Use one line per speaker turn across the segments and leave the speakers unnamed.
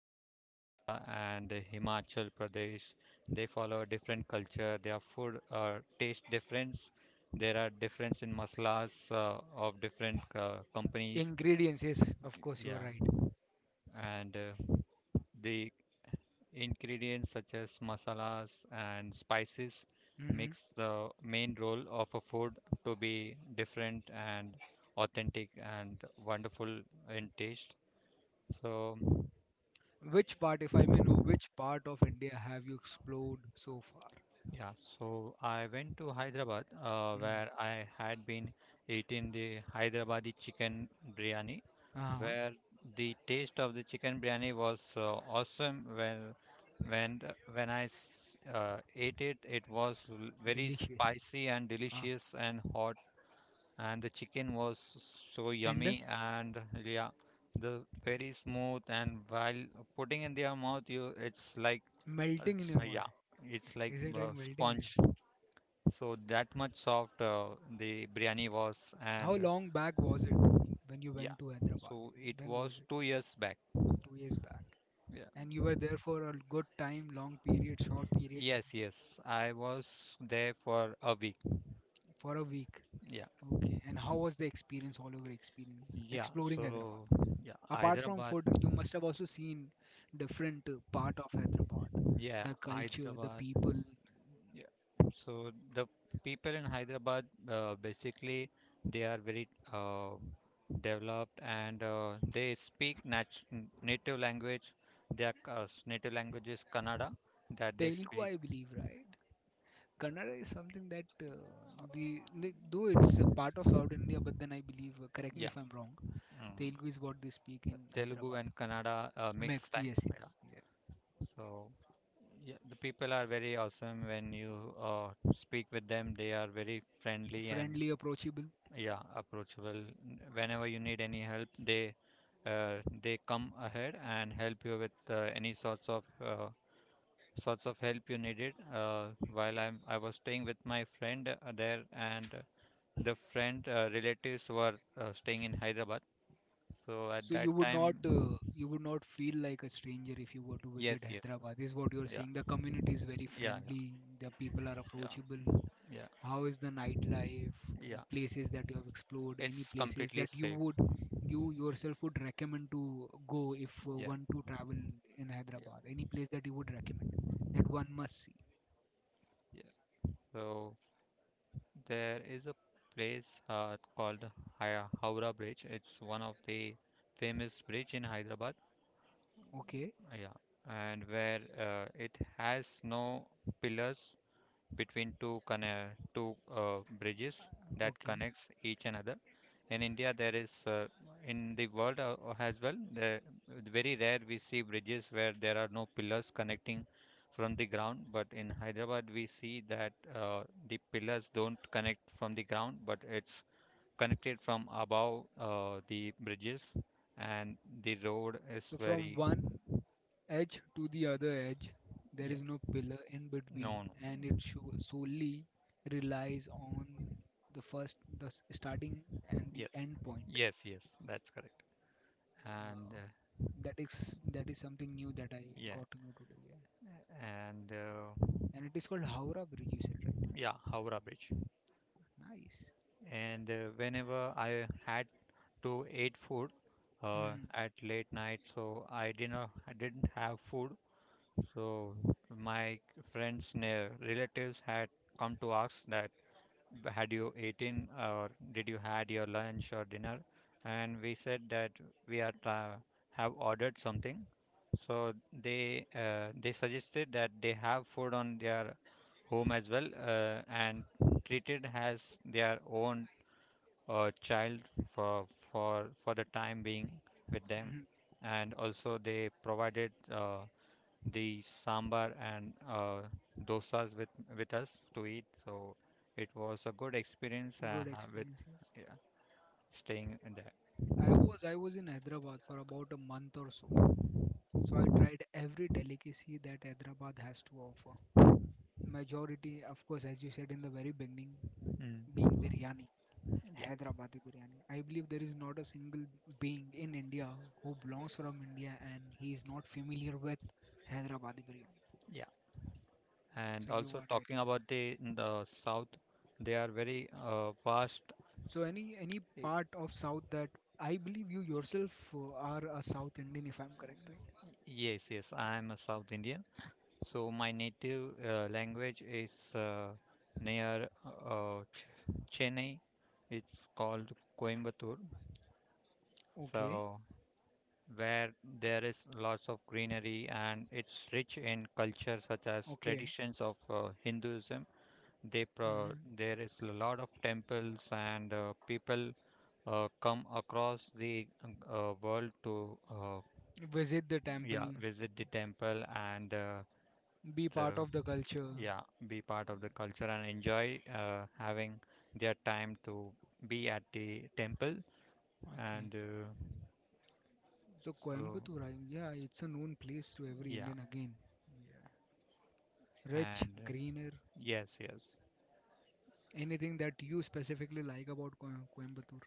to North India and Himachal Pradesh, they follow a different culture. Their food taste difference. There are difference in masalas of different companies.
Ingredients, yes, of course, you are
Yeah,
right.
and the Ingredients such as masalas and spices
Hmm.
makes the main role of a food to be different and authentic and wonderful in taste. So
Which part, if I may know, which part of India have you explored so far?
yeah, so I went to Hyderabad
Mm.
where I had been eating the Hyderabadi chicken biryani,
Uh-huh.
where the taste of the chicken biryani was awesome. When I ate it, it was very
Delicious.
spicy and
Ah,
delicious and hot, and the chicken was so
tender,
yummy and yeah, the very smooth and while putting in their mouth, you it's like
melting in
it's
your mouth.
yeah, it's like
Is it like melting in your
sponge. So that much soft the biryani was,
How
and
long back was it when you
yeah,
went to Hyderabad?
so it
When was
was
it?
2 years back.
2 years back.
Yeah.
And you were there for a good time, long period, short period,
Yes, yes, I was there for a week.
for a week.
Yeah,
Okay. And how was the experience, all over experience,
yeah.
exploring Hyderabad?
So yeah,
Apart from
Hyderabad.
food, you must have also seen different part of Hyderabad,
Yeah,
the culture, the
Hyderabad.
people.
Yeah. So the people in Hyderabad, basically, they are very developed and they speak native language. Their native language is Kannada that they
Telugu,
speak.
I believe, right? Kannada is something that though it's a part of South India, but then I believe, correct me
Yeah.
if I'm wrong,
Mm,
Telugu is what they speak
yeah,
in
Telugu
Hyderabad.
and Kannada mixed
Mix,
type.
yes,
Yeah.
yes. Yeah.
So yeah, the people are very awesome when you uh, speak with them. They are very friendly and
Friendly, approachable.
yeah, approachable. Whenever you need any help, uh, they come ahead and help you with any uh, sorts of help you needed. Uh, while I was staying with my friend there, and the friend relatives were staying in Hyderabad. So at
So
that
you would
time,
not uh, you would not feel like a stranger if you were to visit
yes, yes,
Hyderabad. This is what you're
yeah.
saying. The community is very
Yeah,
friendly. The people are
yeah,
approachable.
yeah,
How is the nightlife?
yeah, yeah.
Places that you have explored, any
It's
places
completely
that
safe.
you yourself would recommend to go if
Yeah,
one to travel in
yeah,
Hyderabad. Any place that you would recommend that one must see.
yeah. So there is a place called Haya Howrah Bridge. It's one of the famous bridge in Hyderabad.
Okay,
Yeah, and where it has no pillars between two bridges that
okay.
connects each another. In India, there is in the world as well. The very rare we see bridges where there are no pillars connecting from the ground. But in Hyderabad, we see that the pillars don't connect from the ground, but it's connected from above the bridges, and the road is
So from
very
one edge to the other edge. There
yeah.
is no pillar in between,
No, no.
and it sho solely relies on the first, starting and the
Yes,
end point.
yes, yes. That's correct. And
Wow, that is something new that I
yeah.
got to know today. Yeah.
and
And it is called Howrah Bridge. You said right?
yeah, Howrah Bridge,
Nice.
and whenever I had to eat food
Mhm,
at late night, so I didn't have food, so my friends near relatives had come to ask that had you eaten or did you had your lunch or dinner? And we said that we are have ordered something. So they suggested that they have food on their home as well, and treated as their own child for for the time being with them.
mhm.
And also they provided the sambar and dosas with us to eat. So it was a good experience
Good
with
experience. Yes.
yeah, staying in there.
I was in Hyderabad for about a month or so. So I tried every delicacy that Hyderabad has to offer. Majority, of course, as you said in the very beginning, being
Mm.
biryani,
Yeah,
Hyderabadi biryani. I believe there is not a single being in India who belongs from India and he is not familiar with Hyderabadi biryani.
yeah. And
So you
also
are right,
talking
yes.
about the south, they are very vast.
So any
Y-
part of South that I believe you yourself are a South Indian, if I'm correct, right?
Yes, yes. I am a South Indian, so my native language is near Chennai. It's called Coimbatore.
Okay,
So where there is lots of greenery and it's rich in culture such as
okay.
traditions of Hinduism. They pro
Hmm.
There is a lot of temples and people come across the world to
Visit the
yeah,
temple,
visit the temple and
be
to
part of the culture.
yeah, be part of the culture and enjoy having their time to be at the temple,
Okay.
and
So
so
Coimbatore, yeah, it's a known place to every
yeah,
Indian again. Yeah. Rich,
and
greener,
yes, yes.
anything that you specifically like about Coimbatore?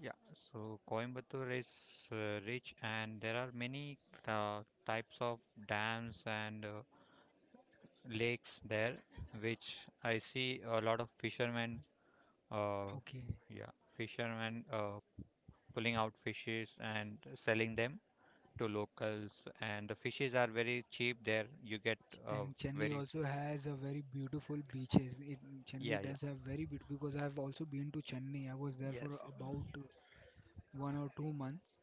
Yeah, so Coimbatore is rich and there are many types of dams and lakes there, which I see a lot of fishermen, uh,
Okay,
yeah, fishermen pulling out fishes and selling them to locals. And the fishes are very cheap there. You get uh,
And Chennai
very,
also has a very beautiful beaches.
yeah,
Chennai
yeah,
does have very beautiful because I've also been to Chennai. I was there for
yes,
about 1 or 2 months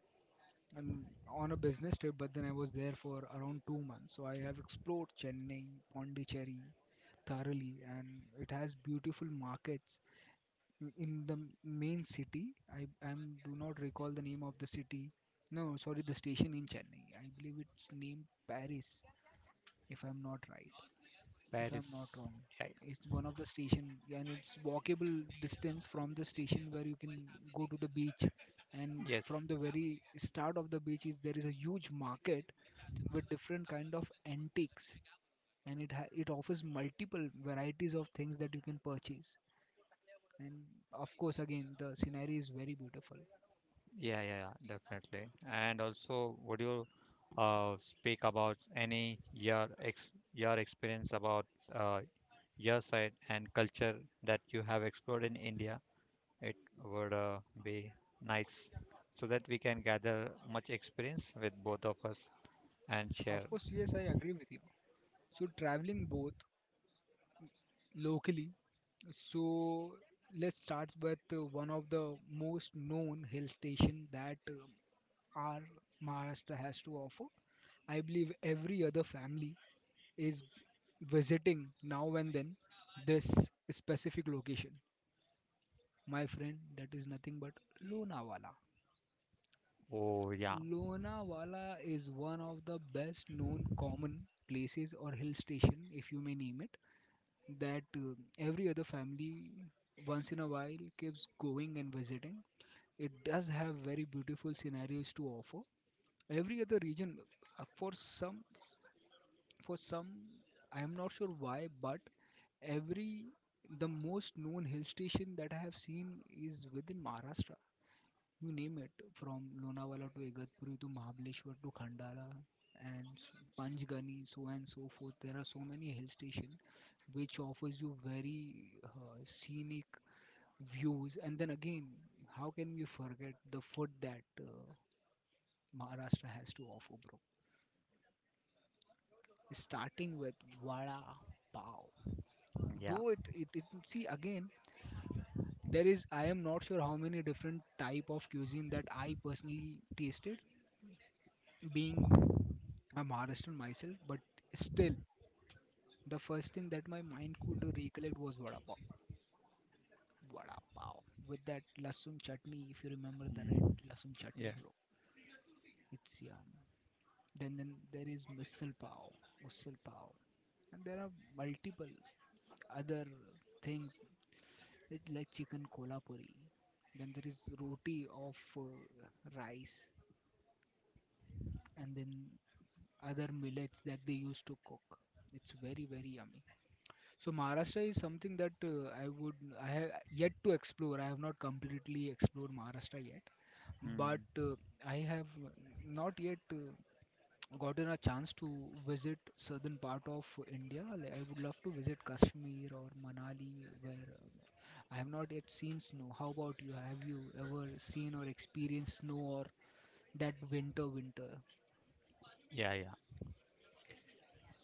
and on a business trip, but then I was there for around 2 months. So I have explored Chennai, Pondicherry thoroughly, and it has beautiful markets in the main city. I do not recall the name of the city. No, sorry, the station in Chennai. I believe it's named Paris, if I'm not right, if I'm not
Paris,
wrong.
yeah,
It's one of the station, and it's walkable distance from the station where you can go to the beach. And
yeah, yes.
from the very start of the beach is there is a huge market with different kind of antiques, and it offers multiple varieties of things that you can purchase, and of course again the scenery is very beautiful.
Yeah, yeah, yeah, definitely. And also, would you speak about any your ex your experience about uh, your side and culture that you have explored in India? It would be nice so that we can gather much experience with both of us and
Of
share.
course, yes, I agree with you. So traveling both locally, so let's start with one of the most known hill station that our Maharashtra has to offer. I believe every other family is visiting now and then this specific location. My friend, that is nothing but Lonavala.
Oh, yeah,
Lonavala is one of the best known common places or hill station, if you may name it, that every other family once in a while keeps going and visiting. It does have very beautiful scenarios to offer. Every other region, uh, for some, for some, I am not sure why, but every the most known hill station that I have seen is within Maharashtra. You name it from Lonavala to Igatpuri to Mahabaleshwar to Khandala and Panchgani, so and so forth. There are so many hill stations which offers you very scenic views. And then again, how can we forget the food that Maharashtra has to offer, bro? Starting with vada pav.
yeah,
Though it see again, there is I am not sure how many different type of cuisine that I personally tasted being I'm Maharashtrian myself, but still, the first thing that my mind could recollect was vada pav. Vada pav with that lasun chutney. If you remember the red
mm,
lasun chutney,
yeah,
bro, it's yum. Then there is misal pav, usal pav, and there are multiple other things it's like chicken kolhapuri. Then there is roti of rice, and then other millets that they used to cook. It's very very yummy. So Maharashtra is something that I have yet to explore. I have not completely explored Maharashtra yet, but
mm,
I have not yet gotten a chance to visit southern part of India. Like, I would love to visit Kashmir or Manali, where I have not yet seen snow. How about you? Have you ever seen or experienced snow or that winter?
yeah, yeah.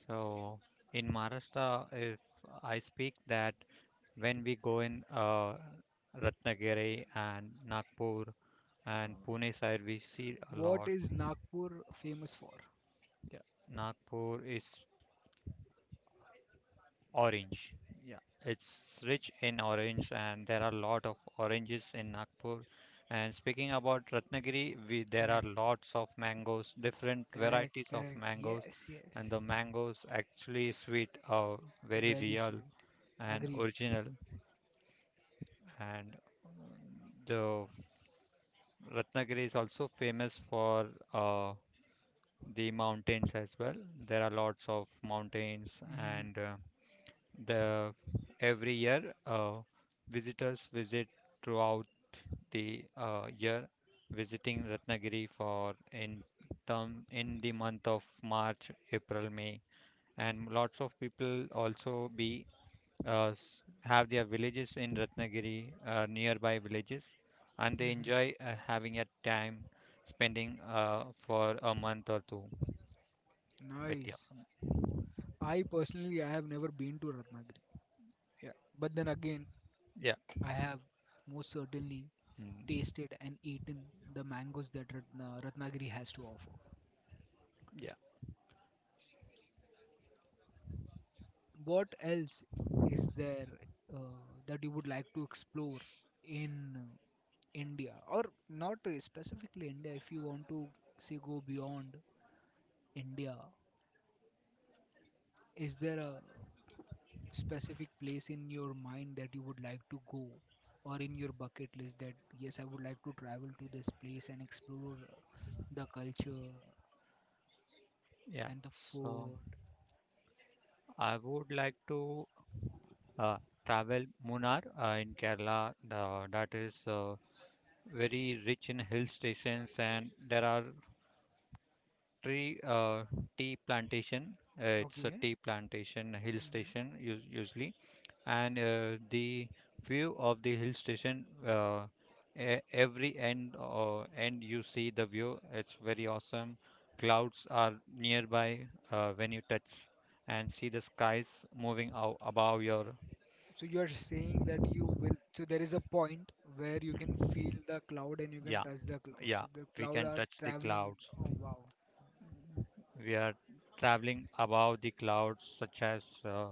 So in Maharashtra, if I speak that, when we go in Ratnagiri and Nagpur and Pune side, we see a
What
lot.
is Nagpur famous for?
Yeah. Nagpur is orange. Yeah, it's rich in orange, and there are a lot of oranges in Nagpur. And speaking about Ratnagiri, we there are
Correct,
lots of mangoes, different
correct,
varieties of
correct.
mangoes,
Yes, yes.
and the mangoes actually sweet are very
Very
real
sweet.
and
Agreed.
original, and the Ratnagiri is also famous for uh, the mountains as well. There are lots of mountains,
Hmm,
and the every year visitors visit throughout the year, visiting Ratnagiri for in term in the month of March, April, May, and lots of people also have their villages in Ratnagiri, nearby villages, and they
hmm.
enjoy having a time spending for a month or two with you.
Nice. I personally, I have never been to Ratnagiri,
Yeah,
but then again,
yeah,
I have most certainly
mm,
tasted and eaten the mangoes that Ratnagiri has to offer.
yeah,
What else is there uh, that you would like to explore in India, or not specifically India? If you want to say go beyond India, is there a specific place in your mind that you would like to go or in your bucket list that yes I would like to travel to this place and explore the culture
yeah.
and the
So
food.
I would like to uh, travel Munnar in Kerala. That is very rich in hill stations, and there are three tea plantation. It's a
Okay.
tea plantation, hill
hmm
station usually, and the view of the hill station, every end you see the view, it's very awesome. Clouds are nearby, when you touch and see the skies moving out above your
So you are saying that you will. So there is a point where you can feel the cloud and you can
yeah,
touch the cloud.
yeah,
So the
we
cloud
can
are
touch the
traveling.
clouds.
Oh wow.
We are traveling above the clouds such as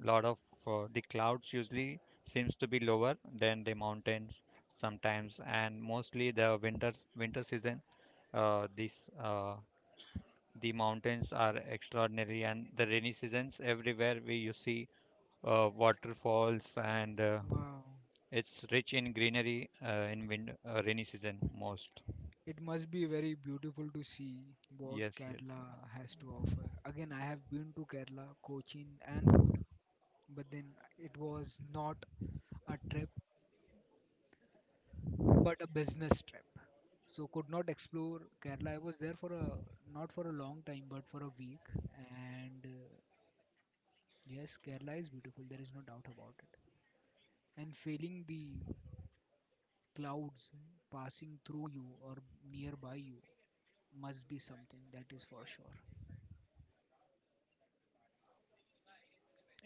lot of the clouds usually seems to be lower than the mountains sometimes, and mostly the winter season, this the mountains are extraordinary, and the rainy seasons everywhere we you see waterfalls and
Wow.
it's rich in greenery in wind, rainy season most,
It must be very beautiful to see what
yes, yes.
Kerala has to offer. Again, I have been to Kerala, Cochin, and Kolam, but then it was not a trip but a business trip, so could not explore Kerala. I was there for a not for a long time but for a week, and yes, Kerala is beautiful, there is no doubt about it, and feeling the clouds passing through you or nearby you must be something that is for sure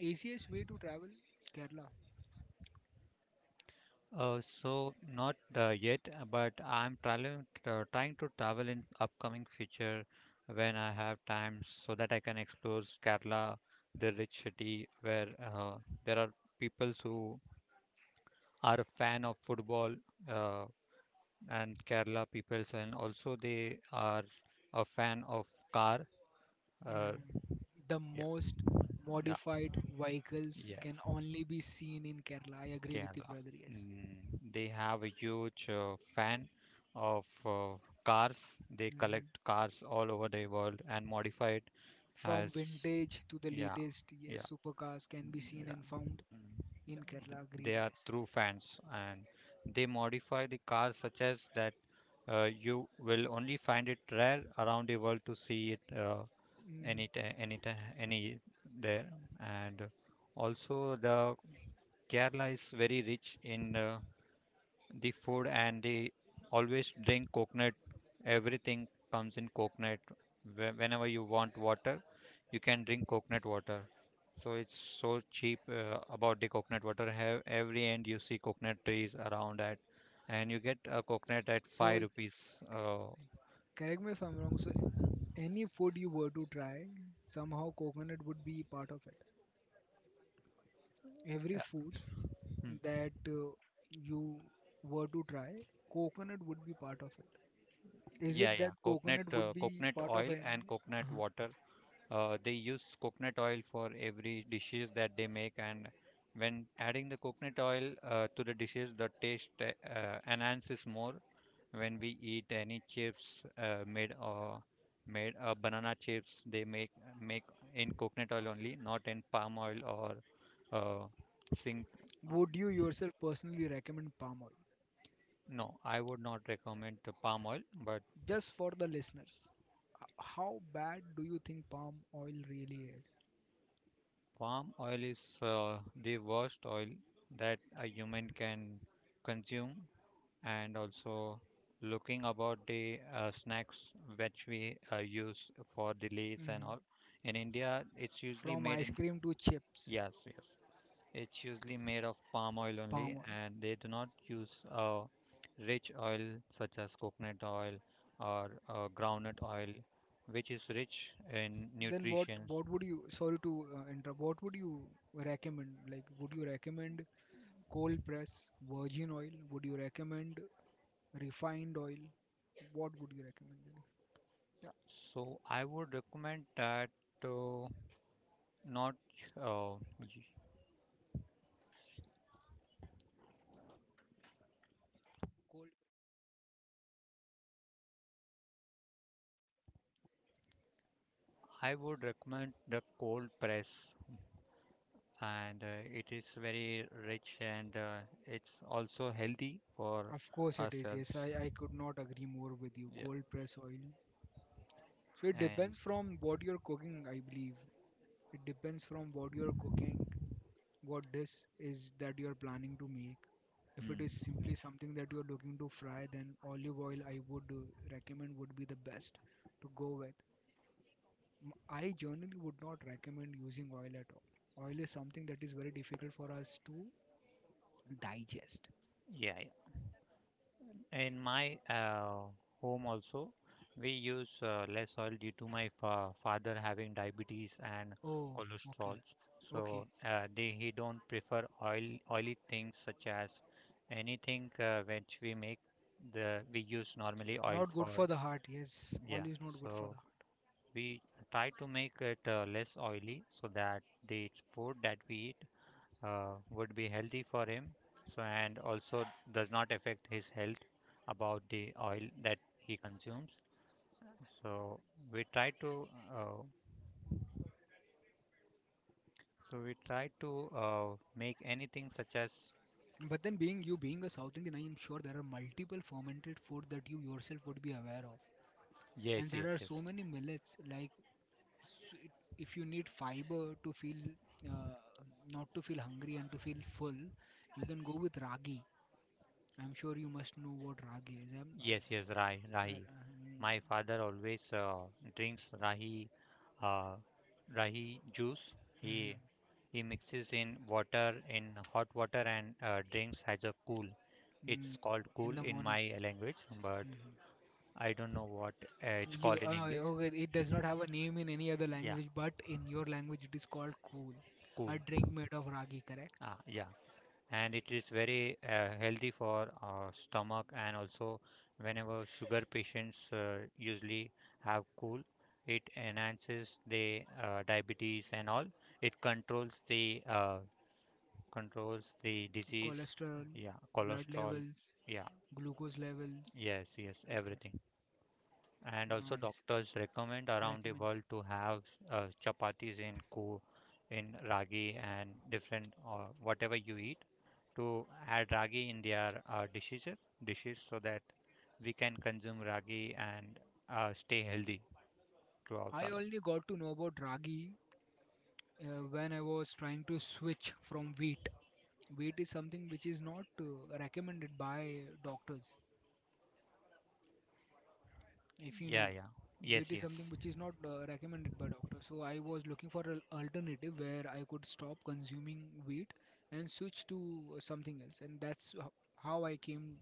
easiest way to travel Kerala.
Uh, so not yet, but I'm traveling, trying to travel in upcoming future when I have time, so that I can explore Kerala, the rich city where there are peoples who are a fan of football, uh, and Kerala peoples, and also they are a fan of car. Uh,
Mm. The
yeah,
most
yeah,
modified vehicles can
yes.
only be seen in Kerala. I agree with you,
Kerala.
brother. Yes.
Mm, they have a huge fan of cars. They
Mhm.
collect cars all over the world and modify it
From
as
vintage to the
yeah,
latest,
yeah,
yes, supercars can be seen
yeah.
and found
Mm, yeah.
in Kerala.
They
Agreed,
are
yes.
true fans, and they modify the cars such as that you will only find it rare around the world to see it,
Mhm.
any ti- any ti- any there, and also the Kerala is very rich in the food, and the always drink coconut. Everything comes in coconut. Whenever you want water, you can drink coconut water. So it's so cheap about the coconut water. Have every end you see coconut trees around that, and you get a coconut at
So,
5 rupees,
correct me if I'm wrong. So, any food you were to try, somehow coconut would be part of it. Every
yeah,
food
mm,
that uh, you were to try, coconut would be part of it. Is
yeah,
it
yeah.
that
Coconut,
coconut would be
coconut
part of
oil
it?
and coconut
uh
water. They use coconut oil for every dishes that they make, and when adding the coconut oil to the dishes, the taste enhances more. When we eat any chips made made banana chips, they make in coconut oil only, not in palm oil or uh, sing.
Would
Um,
you yourself personally recommend palm oil?
no, I would not recommend the palm oil, but
Just for the listeners, how bad do you think palm oil really is?
palm oil is the worst oil that a human can consume, and also looking about the snacks which we use for the lays and
hmm
all. In India, it's usually
From
made
ice
in,
cream to chips,
yes, yes. It's usually made of palm oil
palm
only,
oil.
and they do not use rich oil such as coconut oil or groundnut oil, which is rich in
Then what?
nutrients.
What would you? Sorry to interrupt. What would you recommend? Like, would you recommend cold press virgin oil? Would you recommend refined oil? What would you recommend? Dilip?
So I would recommend that uh, not. Uh, y-
Cold.
I would recommend the cold press, and it is very rich, and it's also healthy for
Of course it is. Yes,
ourselves.
I could not agree more with you.
Yeah,
Cold press oil. So it
and
depends from what you're cooking, I believe. It depends from what you're cooking, what dish is that you're planning to make. If it is
mm,
simply something that you're looking to fry, then olive oil I would recommend would be the best to go with. I generally would not recommend using oil at all. Oil is something that is very difficult for us to digest.
yeah, yeah. In my home also, we use less oil due to my fa father having diabetes and
Oh, okay.
cholesterols.
Okay,
So they he don't prefer oil oily things such as anything which we make the we use normally oil
not good
for.
for the heart. Yes,
Yeah,
oil is not good for
so
the
we try to make it less oily so that the food that we eat would be healthy for him, so, and also does not affect his health about the oil that he consumes. So we try to uh, so we try to uh, make anything such as
heart. But then, being you being a South Indian, I am sure there are multiple fermented food that you yourself would be aware of.
yes,
And
yes,
there are
yes,
so many millets like it, if you need fiber to feel uh, not to feel hungry and to feel full, you can go with ragi. I'm sure you must know what ragi is.
yes, yes, rahi,
Uh,
rahi.
um,
My father always drinks rahi, uh, rahi juice.
mhm.
He He mixes in water in hot water and drinks as a cool. It's
Mm.
called cool
In the
in
morning.
my language, but
Mhm.
I don't know what it's
you
called in English.
Okay, it does not have a name in any other
Yeah,
language but in your language it is called kool.
cool.
A drink made of ragi, correct.
Ah, yeah. And it is very healthy for stomach, and also whenever sugar patients usually have cool, it enhances the diabetes and all. It controls the disease.
Cholesterol.
Yeah,
Blood
cholesterol.
levels.
Yeah.
Glucose levels.
Yes, yes,
Okay.
everything. And also
Nice.
doctors recommend around the
Recommends.
world to have chapatis in ku in ragi and different or whatever you eat, to add ragi in their dishes, so that we can consume ragi and stay healthy throughout
I
our life.
only got to know about ragi when I was trying to switch from wheat. Wheat is something which is not recommended by doctors, if you
Yeah,
know.
yeah.
Wheat
Yes,
is
yes.
something which is not recommended by doctors. So I was looking for an alternative where I could stop consuming wheat and switch to something else. And that's how I came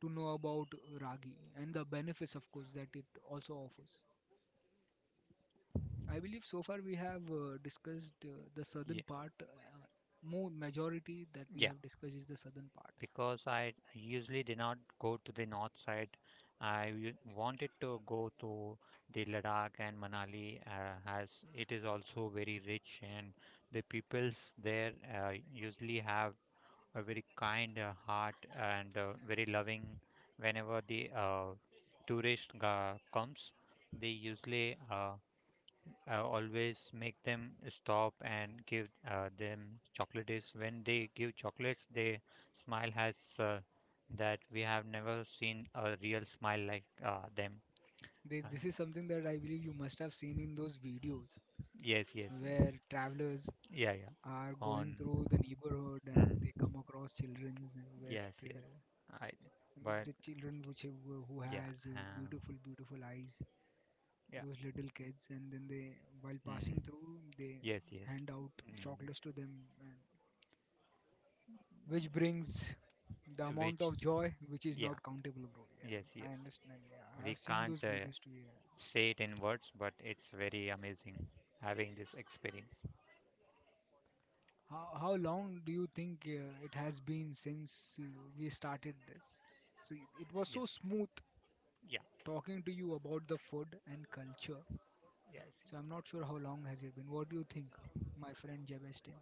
to know about ragi and the benefits, of course, that it also offers. I believe so far we have discussed the
Yeah,
southern part. More majority that we have discussed is the southern part.
because I usually did not go to the north side. Wanted to go to the Ladakh and Manali, as it is also very rich, and the peoples there usually have a very kind heart and very loving. Whenever the tourist comes, they usually I always make them stop and give them chocolates. When they give chocolates, they smile has that we have never seen a real smile like them.
This,
Uh,
this is something that I believe you must have seen in those videos
yes, yes,
where travelers
yeah, yeah.
are going
On,
through the neighborhood and they
mm,
come across children with
yes, yes. I but
the children which who
yeah.
has beautiful
Um,
beautiful eyes, those little kids, and then they while
mm,
passing through they
yes, yes.
hand out
Mm,
chocolates to them, and which brings the amount
which
of joy which is
yeah,
not countable, bro.
yes,
Yeah,
yes.
I understand. Yeah, I
We
have seen
can't
those videos too. Yeah.
say it in words, but it's very amazing having this experience.
How long do you think it has been since we started this? So it was
Yes.
so smooth
Yeah.
talking to you about the food and culture.
Yes,
So I'm
yes.
not sure how long has it been. What do you think, my friend Jebestin?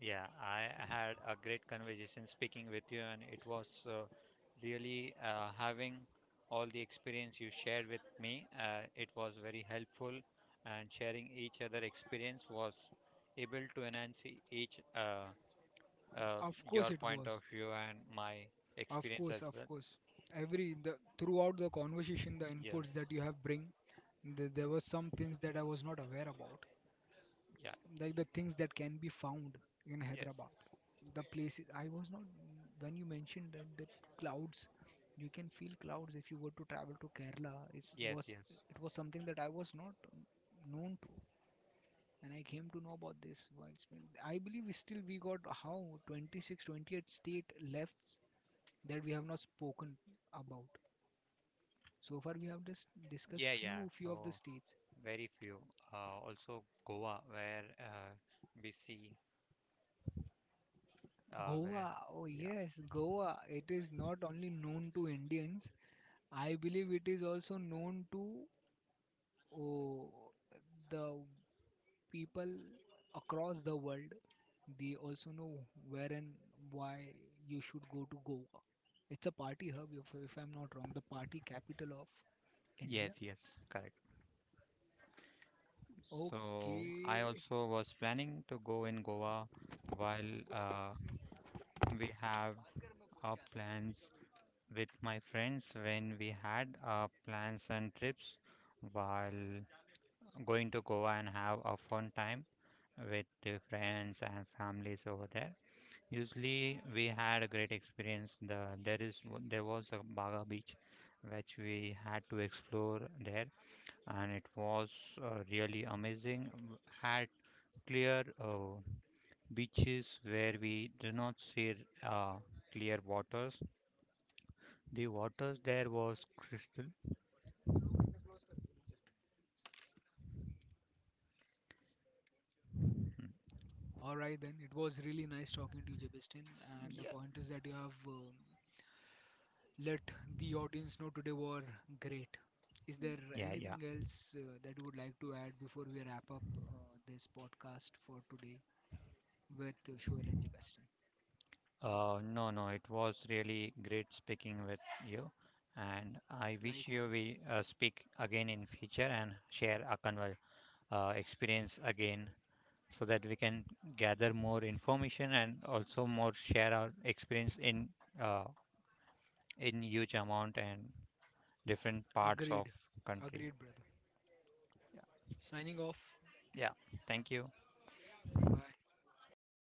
Yeah, I had a great conversation speaking with you, and it was really having all the experience you shared with me. It was very helpful, and sharing each other experience was able to enhance each uh,
Of
your
course it
point of
was.
view and my
Of
experience
course,
as
of
well.
course. Every the Throughout the conversation, the inputs
Yes.
that you have bring, there were some things that I was not aware about,
Yeah.
like the things that can be found in
Yes.
Hyderabad. The places I was not when you mentioned that the clouds, you can feel clouds if you were to travel to Kerala. It
Yes. Yes,
was
yes.
it was something that I was not known to, and I came to know about this. I believe we got how 26, 28 state left that we have not spoken about. So far, we have just discussed
Yeah. Yeah.
few of the
So
states.
very few. Also Goa, where we see where
Goa, oh
yeah,
yes, Goa. It is not only known to Indians, I believe it is also known to oh, the people across the world. They also know where and why you should go to Goa. It's a party hub, if I'm not wrong, the party capital of
yes,
India.
yes, correct. So I
Okay,
also was planning to go in Goa while uh, we have our plans with my friends, when we had our plans and trips while going to Goa and have a fun time with the friends and families over there. Usually we had a great experience. There is there was a Baga Beach which we had to explore there, and it was really amazing. Had clear beaches where we did not see uh, clear waters. The waters there was crystal.
all right then. It was really nice talking to you, Jebistin, and the
Yeah,
point is that you have let the audience know today were great. Is there
yeah, yeah.
anything else that you would like to add before we wrap up uh, this podcast for today with Shoel and Sebastian? Uh,
No, no, it was really great speaking with you, and I wish you
Likewise.
we speak again in future and share a conver experience again, so that we can gather more information and also more share our experience uh, in huge amount and different parts of
Agreed.
country.
Agreed, brother. Signing off.
Yeah, thank you.
Bye bye.